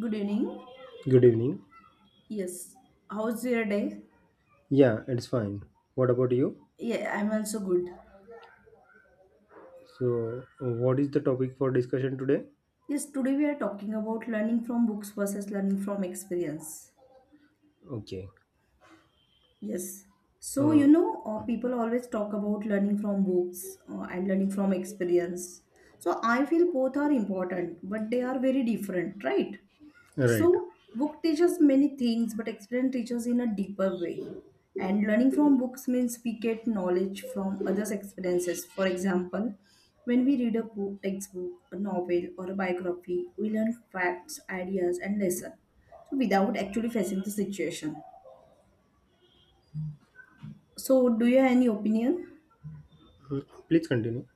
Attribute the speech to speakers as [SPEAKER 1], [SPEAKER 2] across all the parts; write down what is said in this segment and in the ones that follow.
[SPEAKER 1] Good evening.
[SPEAKER 2] Good evening.
[SPEAKER 1] Yes. How's your day?
[SPEAKER 2] Yeah, it's fine. What about you?
[SPEAKER 1] Yeah, I'm also good.
[SPEAKER 2] So, what is the topic for discussion today?
[SPEAKER 1] Yes, today we are talking about learning from books versus learning from experience.
[SPEAKER 2] Okay.
[SPEAKER 1] Yes.
[SPEAKER 2] Uh,
[SPEAKER 1] People always talk about learning from books and learning from experience. So, I feel both are important, but they are very different, right?
[SPEAKER 2] right.
[SPEAKER 1] So, book teaches many things, but experience teaches in a deeper way. And learning from books means we get knowledge from others' experiences. For example, when we read a book, textbook, a novel, or a biography, we learn facts, ideas, and lessons. So, without actually facing the situation. So, do you have any opinion?
[SPEAKER 2] Please continue.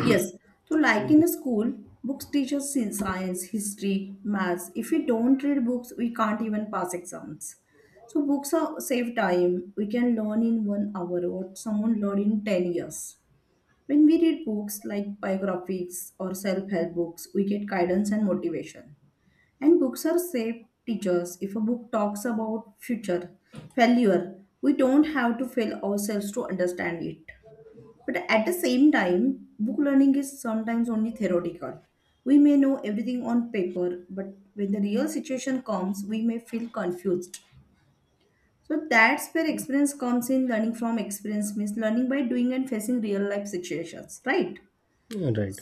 [SPEAKER 1] Yes, so like in
[SPEAKER 2] Yeah.
[SPEAKER 1] a school, books teach us in science, history, maths. If we don't read books, we can't even pass exams. So books are save time. We can learn in 1 hour what someone learned in 10 years. When we read books like biographies or self-help books, we get guidance and motivation. And books are safe teachers. If a book talks about future, failure, we don't have to fail ourselves to understand it. But at the same time, book learning is sometimes only theoretical. We may know everything on paper, but when the real situation comes, we may feel confused. So that's where experience comes in. Learning from experience means learning by doing and facing real life situations, right?
[SPEAKER 2] Right.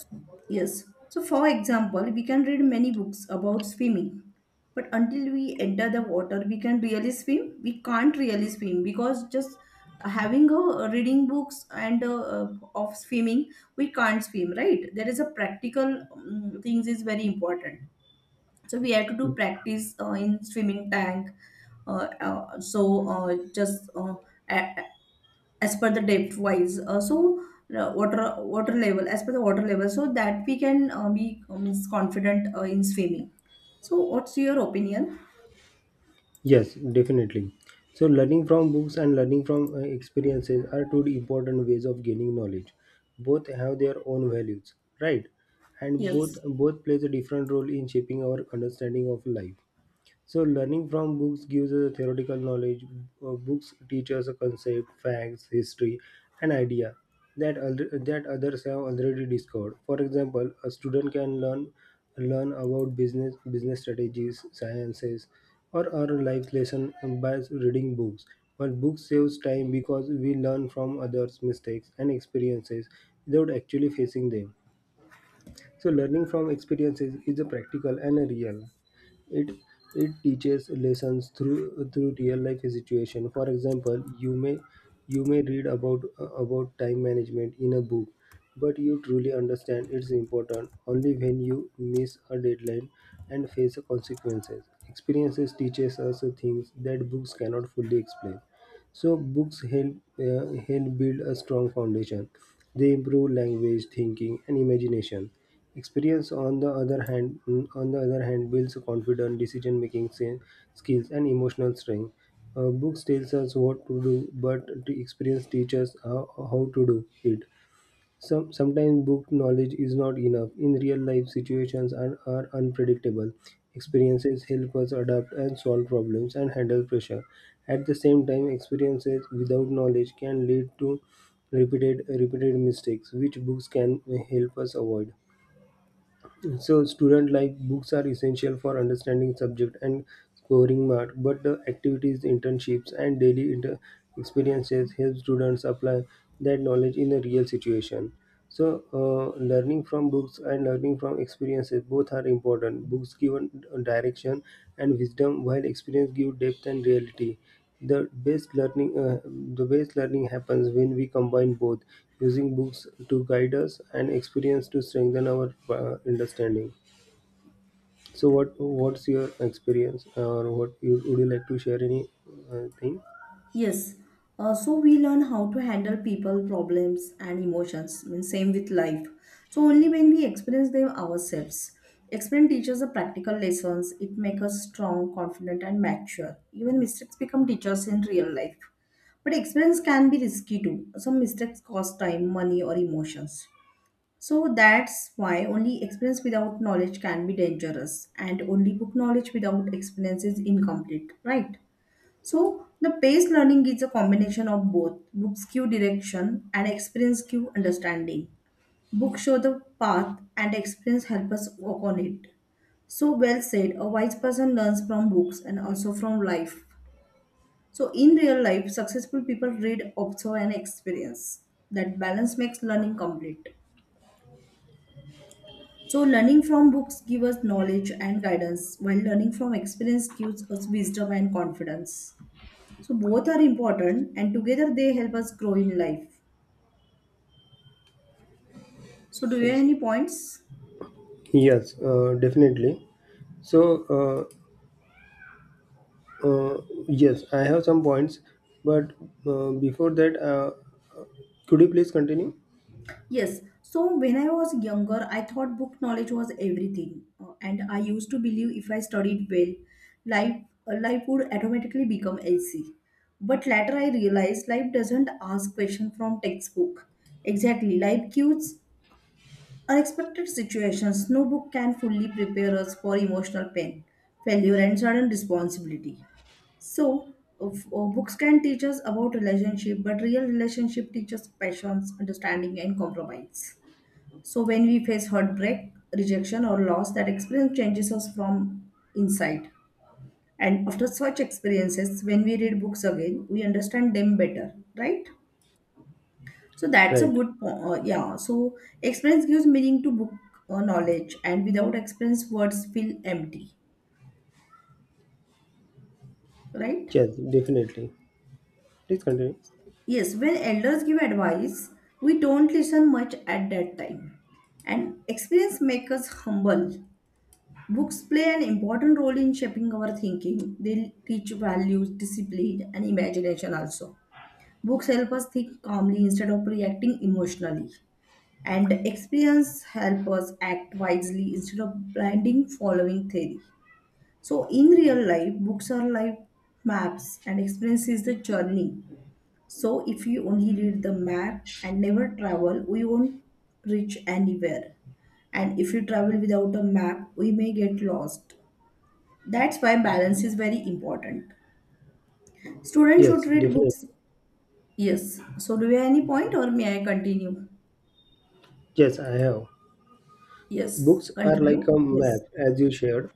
[SPEAKER 1] Yes. So, for example, we can read many books about swimming, but until we enter the water, we can really swim. We can't really swim because just having a reading books and of swimming, we can't swim, right? There is a practical things is very important. So we have to do practice in swimming tank. Uh, uh, so uh, just uh, a- as per the depth wise so water level as per the water level so that we can be is confident in swimming. So what's your opinion?
[SPEAKER 2] Yes, definitely. So, learning from books and learning from experiences are two important ways of gaining knowledge. Both have their own values, right? And both
[SPEAKER 1] Yes
[SPEAKER 2] both plays a different role in shaping our understanding of life. So learning from books gives a theoretical knowledge. Books teach us a concept, facts, history, and idea that others have already discovered. For example, a student can learn about business strategies, sciences, or our life lesson by reading books. But books saves time because we learn from others' mistakes and experiences without actually facing them. So learning from experiences is a practical and a real. It it teaches lessons through real life situation. For example, you may read about time management in a book, but you truly understand its importance only when you miss a deadline and face the consequences. Experiences teaches us things that books cannot fully explain. So books help build a strong foundation. They improve language, thinking, and imagination. Experience, on the other hand, on the other hand, builds confidence, decision-making skills, and emotional strength. Books tells us what to do, but the experience teaches how to do it. Sometimes book knowledge is not enough. In real life, are unpredictable. Experiences help us adapt and solve problems and handle pressure. At the same time, experiences without knowledge can lead to repeated mistakes, which books can help us avoid. So student like books are essential for understanding subject and scoring mark, but the activities, internships, and experiences help students apply that knowledge in a real situation. So learning from books and learning from experiences both are important. Books give direction and wisdom, while experience give depth and reality. The best learning happens when we combine both, using books to guide us and experience to strengthen our understanding. So, what's your experience, or would you like to share any thing?
[SPEAKER 1] Yes, so we learn how to handle people, problems, and emotions. Means same with life. So only when we experience them ourselves. Experience teaches the practical lessons. It makes us strong, confident, and mature. Even mistakes become teachers in real life. But experience can be risky too. Some mistakes cost time, money, or emotions. So that's why only experience without knowledge can be dangerous, and only book knowledge without experience is incomplete, right? So, the paced learning is a combination of both. Books give direction and experience give understanding. Books show the path and experience help us walk on it. So well said, a wise person learns from books and also from life. So in real life, successful people read, observe and experience. That balance makes learning complete. So learning from books gives us knowledge and guidance, while learning from experience gives us wisdom and confidence. So both are important and together they help us grow in life. So do you have
[SPEAKER 2] Yes,
[SPEAKER 1] any points?
[SPEAKER 2] yes, definitely. So, uh, uh, yes, I have some points, but before that, could you please continue?
[SPEAKER 1] Yes. So when I was younger, I thought book knowledge was everything. And I used to believe if I studied well, life life would automatically become easy. But later I realized life doesn't ask questions from textbook. Exactly, life gives. Unexpected situations, no book can fully prepare us for emotional pain, failure, and sudden responsibility. So, books can teach us about relationship, but real relationship teaches passions, understanding, and compromise. So, when we face heartbreak, rejection, or loss, that experience changes us from inside. And after such experiences, when we read books again, we understand them better, right? So that's a
[SPEAKER 2] Right.
[SPEAKER 1] good point. Yeah. So experience gives meaning to book knowledge, and without experience, words feel empty. Right?
[SPEAKER 2] Yes, definitely. Please continue.
[SPEAKER 1] Yes. When elders give advice, we don't listen much at that time, and experience makes us humble. Books play an important role in shaping our thinking. They teach values, discipline, and imagination also. Books help us think calmly instead of reacting emotionally. And experience help us act wisely instead of blinding following theory. So in real life, books are like maps and experience is the journey. So if you only read the map and never travel, we won't reach anywhere. And if you travel without a map, we may get lost. That's why balance is very important. Students should
[SPEAKER 2] Yes,
[SPEAKER 1] read
[SPEAKER 2] definitely.
[SPEAKER 1] books. Yes, so do you have any point or may I continue?
[SPEAKER 2] Yes, I have.
[SPEAKER 1] Yes,
[SPEAKER 2] Books are like a
[SPEAKER 1] continue. Yes.
[SPEAKER 2] map, as you shared.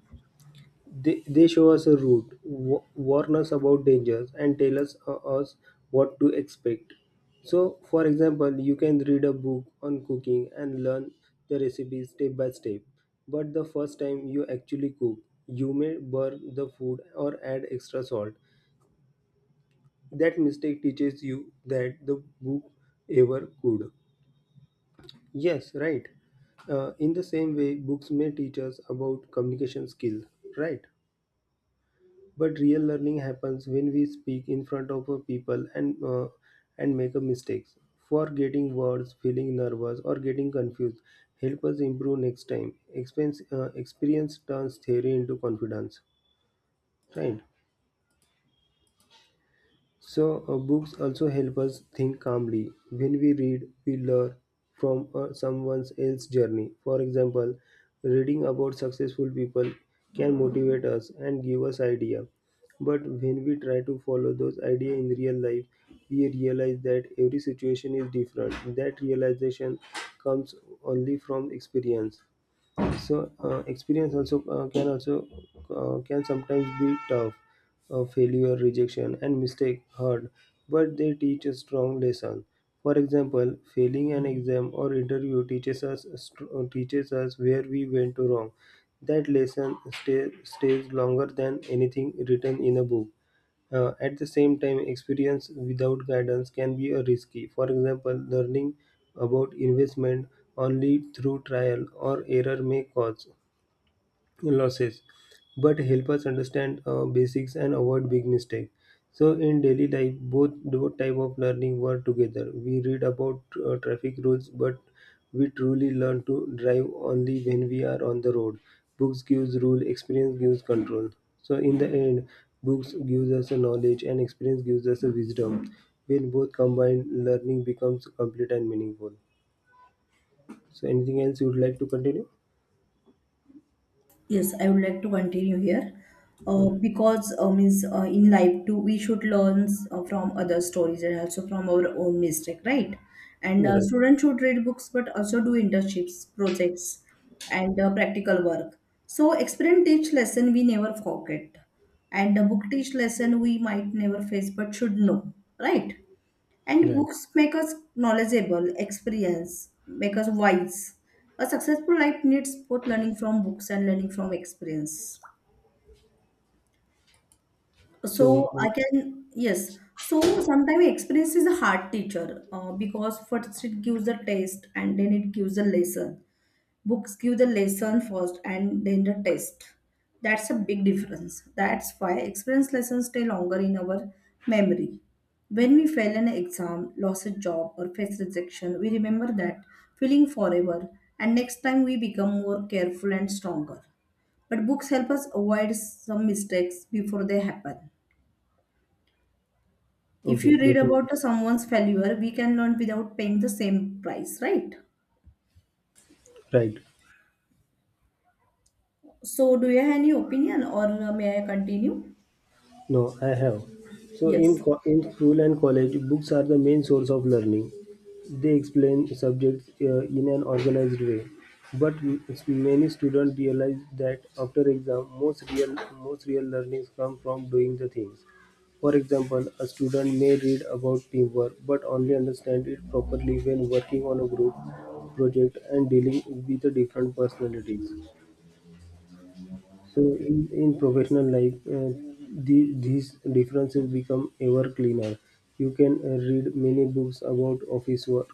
[SPEAKER 2] They show us a route, warn us about dangers, and tell us what to expect. So, for example, you can read a book on cooking and learn the recipe step by step. But the first time you actually cook, you may burn the food or add extra salt. That mistake teaches you that the book ever could. Yes, right. In the same way, books may teach us about communication skill, right? But real learning happens when we speak in front of a people and make a mistakes. Forgetting words, feeling nervous, or getting confused help us improve next time. Experience turns theory into confidence, right? So, books also help us think calmly. When we read, we learn from someone else's journey. For example, reading about successful people can motivate us and give us idea. But when we try to follow those ideas in real life, we realize that every situation is different. That realization comes only from experience. So experience also can also can sometimes be tough. Failure, rejection, and mistake hurt, but they teach a strong lesson. For example, failing an exam or interview teaches us where we went wrong. That stays longer than anything written in a book. At the same time, experience without guidance can be risky. For example, learning about investment only through trial or error may cause losses, but help us understand basics and avoid big mistakes. So in daily life, both type of learning work together. We read about traffic rules, but we truly learn to drive only when we are on the road. Books gives rule, experience gives control. So in the end, books gives us a knowledge and experience gives us a wisdom. When both combined, learning becomes complete and meaningful. So anything else you would like to continue?
[SPEAKER 1] Yes, I would like to continue here
[SPEAKER 2] Hmm.
[SPEAKER 1] because means in life too we should learn from other stories and also from our own mistake, right? And
[SPEAKER 2] Right,
[SPEAKER 1] students should read books but also do internships, projects, and practical work. So experience teach lesson we never forget, and the book teach lesson we might never face but should know, right? And
[SPEAKER 2] right.
[SPEAKER 1] books make us knowledgeable, experience, make us wise. A successful life needs both learning from books and learning from experience.
[SPEAKER 2] So
[SPEAKER 1] So I
[SPEAKER 2] um,
[SPEAKER 1] can, yes. So sometimes experience is a hard teacher because first it gives the taste and then it gives a lesson. Books give the lesson first and then the test. That's a big difference. That's why experience lessons stay longer in our memory. When we fail an exam, lost a job or face rejection, we remember that feeling forever, and next time we become more careful and stronger. But books help us avoid some mistakes before they happen. If
[SPEAKER 2] Okay,
[SPEAKER 1] you read
[SPEAKER 2] definitely.
[SPEAKER 1] about someone's failure, we can learn without paying the same price, right?
[SPEAKER 2] Right.
[SPEAKER 1] So do you have any opinion or may I continue?
[SPEAKER 2] No, I have. So
[SPEAKER 1] Yes.
[SPEAKER 2] in school and college, books are the main source of learning. They explain subjects in an organized way. But m- many students realize that after exam, most real learnings come from doing the things. For example, a student may read about teamwork but only understand it properly when working on a group project and dealing with the different personalities. So in professional life, these differences become ever cleaner. You can read many books about office work,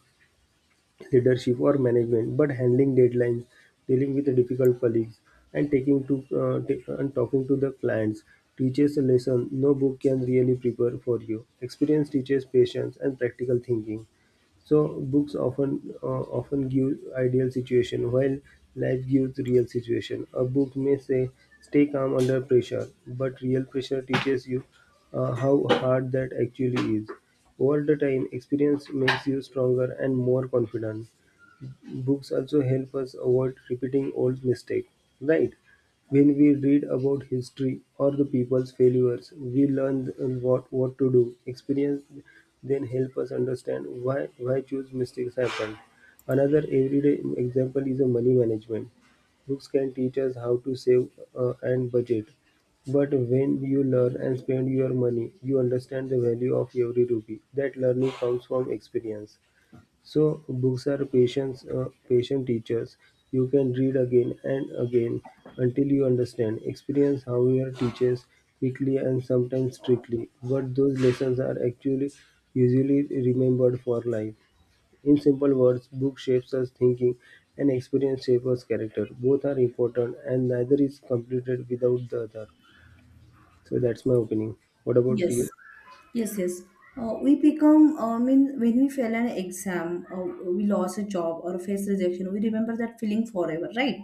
[SPEAKER 2] leadership, or management, but handling deadlines, dealing with the difficult colleagues, and and talking to the clients teaches a lesson no book can really prepare for you. Experience teaches patience and practical thinking. So books often give ideal situation, while life gives real situation. A book may say, "Stay calm under pressure," but real pressure teaches you how hard that actually is. Over the time, experience makes you stronger and more confident. Books also help us avoid repeating old mistakes, right? When we read about history or the people's failures, we learn what to do. Experience then help us understand why choose mistakes happen. Another everyday example is a money management. Books can teach us how to save and budget. But when you learn and spend your money, you understand the value of every rupee. That learning comes from experience. So books are patient teachers. You can read again and again until you understand. Experience, however, teaches quickly and sometimes strictly, but those lessons are actually usually remembered for life. In simple words, book shapes us thinking and experience shapes us character. Both are important and neither is completed without the other. So that's my opinion. What about
[SPEAKER 1] Yes,
[SPEAKER 2] you?
[SPEAKER 1] yes. We become, I mean, when we fail an exam, we lost a job or face rejection, we remember that feeling forever, right?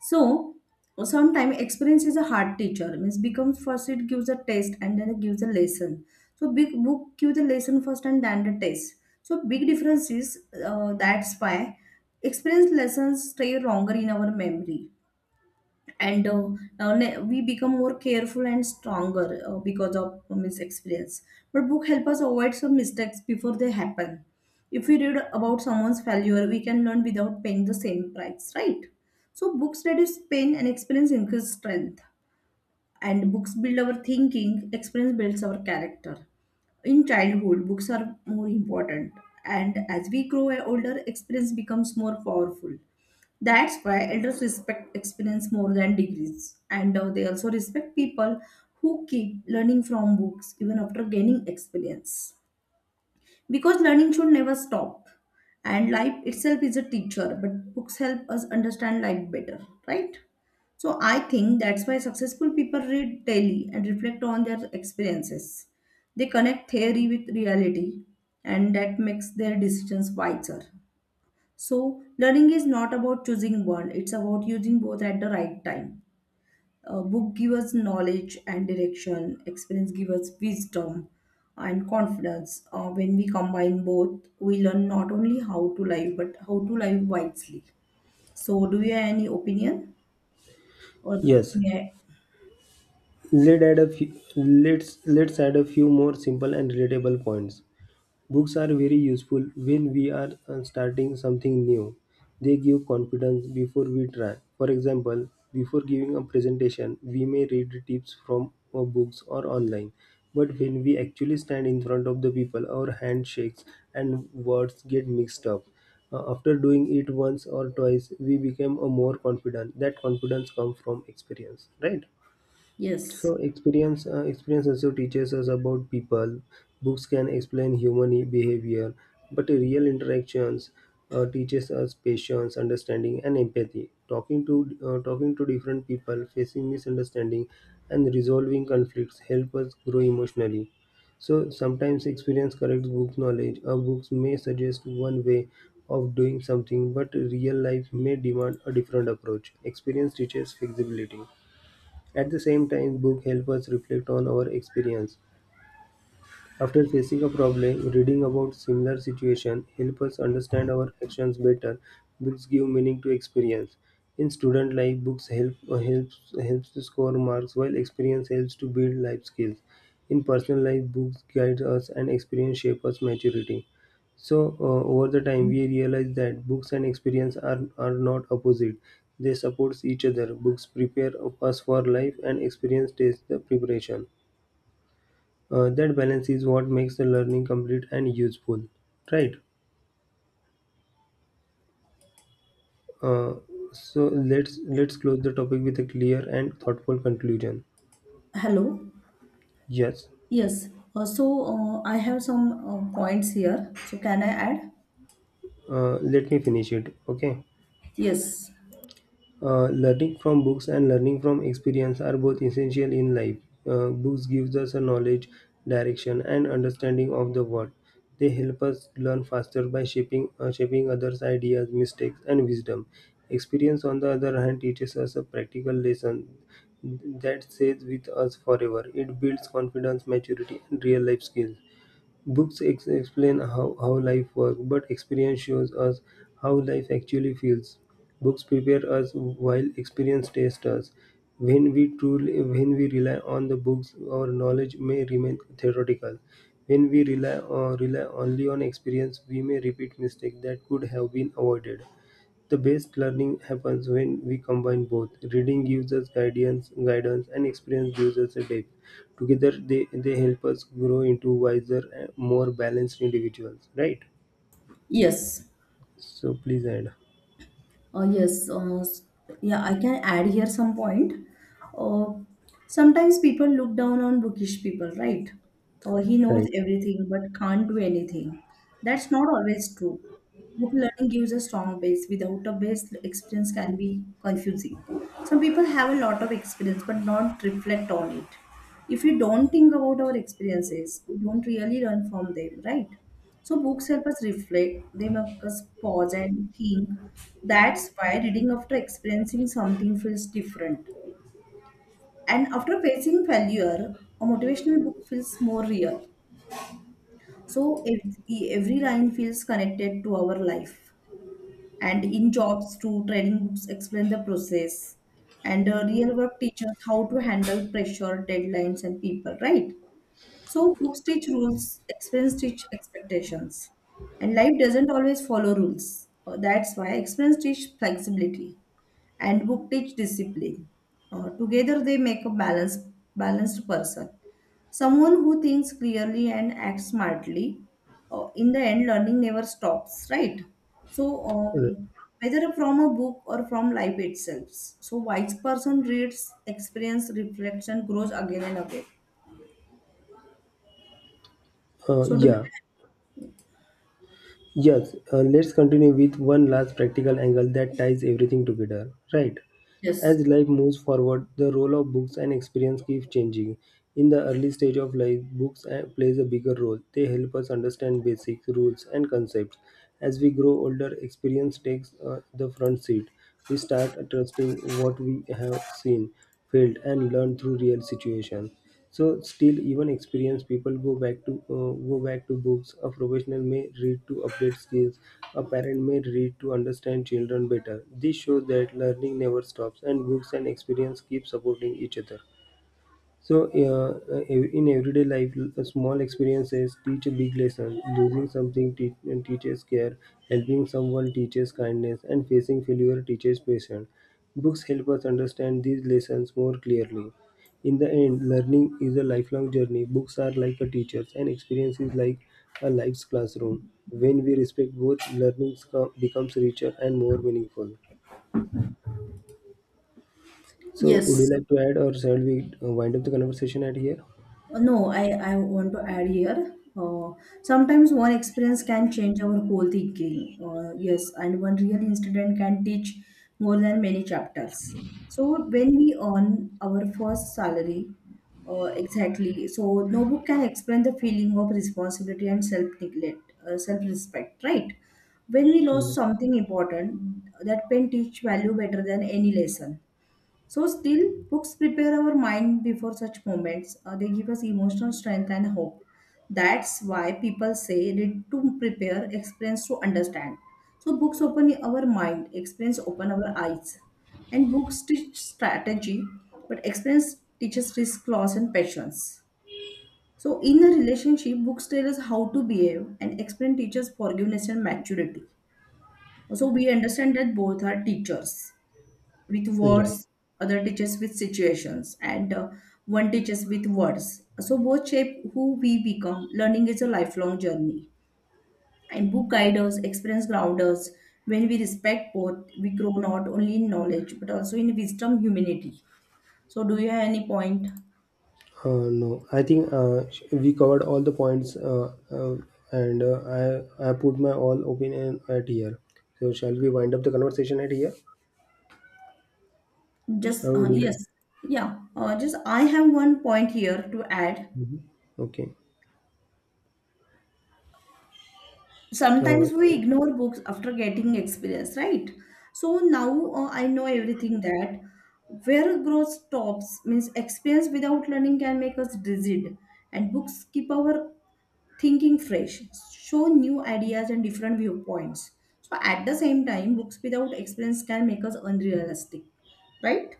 [SPEAKER 1] So, sometimes experience is a hard teacher. Means becomes first it gives a test and then it gives a lesson. So big book gives the lesson first and then the test. So big difference is that's why experience lessons stay longer in our memory. and uh, we become more careful and stronger because of mis experience. But book help us avoid some mistakes before they happen. If we read about someone's failure, we can learn without paying the same price, right? So books reduce pain and experience increase strength. And books build our thinking, experience builds our character. In childhood books are more important, and as we grow older experience becomes more powerful. That's why elders respect experience more than degrees, and they also respect people who keep learning from books even after gaining experience, because learning should never stop. And life itself is a teacher, but books help us understand life better, right? So I think that's why successful people read daily and reflect on their experiences. They connect theory with reality, and that makes their decisions wiser. So learning is not about choosing one, it's about using both at the right time. A book gives us knowledge and direction. Experience gives us wisdom and confidence. When we combine both, we learn not only how to live but how to live wisely. So, do you have any opinion? Or
[SPEAKER 2] Yes,
[SPEAKER 1] yeah,
[SPEAKER 2] let's add a few more simple and relatable points. Books are very useful when we are starting something new. They give confidence before we try. For example, before giving a presentation, we may read tips from books or online. But when we actually stand in front of the people, our hand shakes and words get mixed up. After doing it once or twice, we become more confident. That confidence comes from experience, right?
[SPEAKER 1] yes.
[SPEAKER 2] So experience also teaches us about people. Books can explain behavior, but real interactions teaches us patience, understanding, and empathy. Talking to different people, facing misunderstanding, and resolving conflicts help us grow emotionally. So sometimes experience corrects book knowledge. A books may suggest one way of doing something, but real life may demand a different approach. Experience teaches flexibility. At the same time, book help us reflect on our experience. After facing a problem, reading about similar situation help us understand our actions better. Books give meaning to experience. In student life, books helps to score marks, while experience helps to build life skills. In personal life, books guide us and experience shape us maturity. So over the time, we realize that books and experience are not opposite. They support each other. Books prepare us for life, and experience takes the preparation. That balance is what makes the learning complete and useful, right? uh, so let's close the topic with a clear and thoughtful conclusion.
[SPEAKER 1] Hello.
[SPEAKER 2] Yes.
[SPEAKER 1] Yes. So I have some points here. So can I add?
[SPEAKER 2] Let me finish it, okay?
[SPEAKER 1] Yes.
[SPEAKER 2] Learning from books and learning from experience are both essential in life. Books gives us a knowledge, direction, and understanding of the world. They help us learn faster by shaping others' ideas, mistakes, and wisdom. Experience, on the other hand, teaches us a practical lesson that stays with us forever. It builds confidence, maturity, and real life skills. Explain how life works, but experience shows us how life actually feels. Books prepare us while experience tests us. When we rely on the books, our knowledge may remain theoretical. When we rely only on experience, we may repeat mistakes that could have been avoided. The best learning happens when we combine both. Reading gives us guidance, and experience gives us a depth. Together, they help us grow into wiser, and more balanced individuals. Right?
[SPEAKER 1] Yes.
[SPEAKER 2] So please add.
[SPEAKER 1] Uh, yes, uh, s- yeah, I can add here some point. Uh, Sometimes people look down on bookish people, right? He knows
[SPEAKER 2] Right.
[SPEAKER 1] everything but can't do anything. That's not always true. Book learning gives a strong base. Without a base, experience can be confusing. Some people have a lot of experience but not reflect on it. If we don't think about our experiences, we don't really learn from them, right? So books help us reflect, they make us pause and think. That's why reading after experiencing something feels different. And after facing failure, a motivational book feels more real. So every line feels connected to our life. And in jobs too, training books explain the process, and real work teaches how to handle pressure, deadlines and people, right? So books teach rules, experience teach expectations, and life doesn't always follow rules. That's why experience teach flexibility and book teach discipline. Together, they make a balanced person. Someone who thinks clearly and acts smartly. In the end, learning never stops, right? So,
[SPEAKER 2] Uh,
[SPEAKER 1] whether from a book or from life itself. So, wise person reads, experience, reflection, grows again and again. So, do
[SPEAKER 2] yeah. Yes, let's continue with one last practical angle that ties everything together, right?
[SPEAKER 1] yes,
[SPEAKER 2] As life moves forward, the role of books and experience keeps changing. In the early stage of life, books plays a bigger role. They help us understand basic rules and concepts. As we grow older, experience takes the front seat. We start trusting what we have seen, felt, and learned through real situations. So still, even experienced people go back to books. A professional may read to update skills. A parent may read to understand children better. This shows that learning never stops, and books and experience keep supporting each other. So, in everyday life, small experiences teach a big lesson. Teaches care, helping someone teaches kindness, and facing failure teaches patience. Books help us understand these lessons more clearly. In the end, learning is a lifelong journey. Books are like a teachers, and experience is like a life's classroom. When we respect both, becomes richer and more meaningful. So, would you
[SPEAKER 1] yes.
[SPEAKER 2] like to add, or shall we wind up the conversation at here?
[SPEAKER 1] No, I want to add here. Sometimes one experience can change our whole thinking. Yes, and one real incident can teach more than many chapters. So when we earn our first salary, exactly. So no book can explain the feeling of responsibility and self neglect, self respect, right? When we lost something important, that pain teach value better than any lesson. So, still, books prepare our mind before such moments. They give us emotional strength and hope. That's why people say read to prepare, experience to understand. So, books open our mind, experience open our eyes. And books teach strategy, but experience teaches risk, loss, and patience. So, in a relationship, books tell us how to behave, and experience teaches forgiveness and maturity. So, we understand that both are teachers with
[SPEAKER 2] Right.
[SPEAKER 1] words, other teaches with situations, and one teaches with words. So both shape who we become. Learning is a lifelong journey. And book guide us, experience ground us. When we respect both, we grow not only in knowledge but also in wisdom, humility. So do you have any point?
[SPEAKER 2] No, I think we covered all the points, and I put my all opinion at here. So shall we wind up the conversation at here?
[SPEAKER 1] Just
[SPEAKER 2] How would you
[SPEAKER 1] Yes,
[SPEAKER 2] like?
[SPEAKER 1] yeah. Just I have one point here to add.
[SPEAKER 2] Mhm. Okay. Uh,
[SPEAKER 1] Sometimes we ignore books after getting experience, right? So now I know everything. That where growth stops means experience without learning can make us rigid, and books keep our thinking fresh, show new ideas and different viewpoints. So at the same time books without experience can make us unrealistic, right?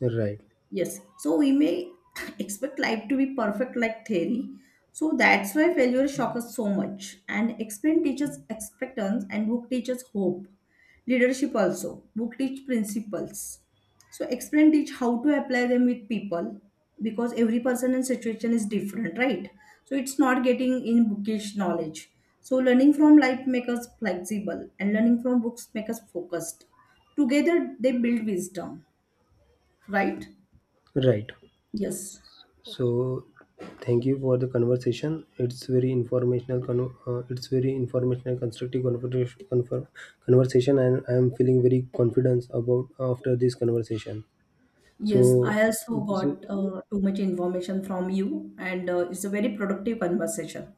[SPEAKER 2] right.
[SPEAKER 1] Yes. So we may expect life to be perfect like theory. So that's why failure shocks us so much. And explain teaches expectance and book teaches hope. Leadership also. Book teach principles. So explain teach how to apply them with people, because every person and situation is different, right? So it's not getting in bookish knowledge. So learning from life makes us flexible and learning from books makes us focused. Together they build wisdom, right?
[SPEAKER 2] Right.
[SPEAKER 1] Yes.
[SPEAKER 2] So thank you for the conversation. It's very informational. It's very informational, constructive Conversation, and I am feeling very confident about after this conversation.
[SPEAKER 1] Yes,
[SPEAKER 2] So,
[SPEAKER 1] I also
[SPEAKER 2] so,
[SPEAKER 1] got too much information from you, and it's a very productive conversation.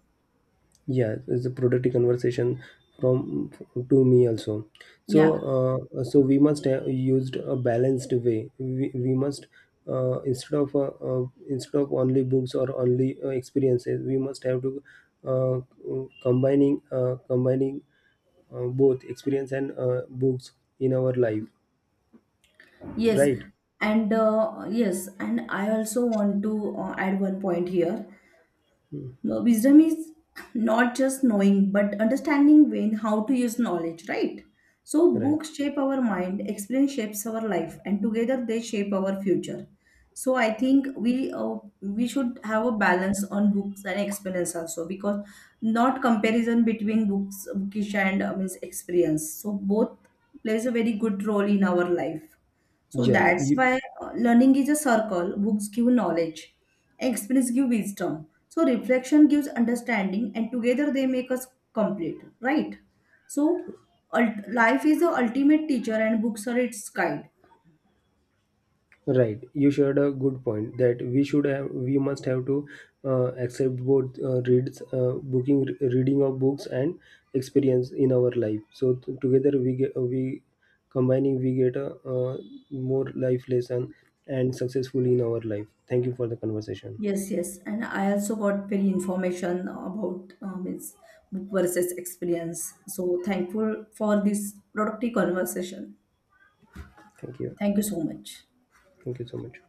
[SPEAKER 2] yeah, it's a productive conversation from to me also. So,
[SPEAKER 1] Yeah,
[SPEAKER 2] so we must used a balanced way. We must uh, instead of uh, instead of only books or only experiences, we must have to uh, combining both experience and books in our life.
[SPEAKER 1] yes,
[SPEAKER 2] Right,
[SPEAKER 1] yes, and I also want to add one point here. No, wisdom is not just knowing, but understanding when how to use knowledge, right? So
[SPEAKER 2] right.
[SPEAKER 1] books shape our mind, experience shapes our life, and together they shape our future. So I think we should have a balance on books and experience also, because not comparison between books, bookish and means experience. So both plays a very good role in our life. So
[SPEAKER 2] Yes,
[SPEAKER 1] that's
[SPEAKER 2] you.
[SPEAKER 1] why learning is a circle. Books give knowledge, experience give wisdom. So reflection gives understanding, and together they make us complete, right? So life is the ultimate teacher, and books are its guide.
[SPEAKER 2] Right, you shared a good point that we must have to accept both reads, booking, reading of books and experience in our life. So we combining we get a more life lesson and successful in our life. Thank you for the conversation.
[SPEAKER 1] Yes, yes, and I also got very information about means book versus experience. So thankful for this productive conversation.
[SPEAKER 2] Thank you.
[SPEAKER 1] Thank you so much.
[SPEAKER 2] Thank you so much.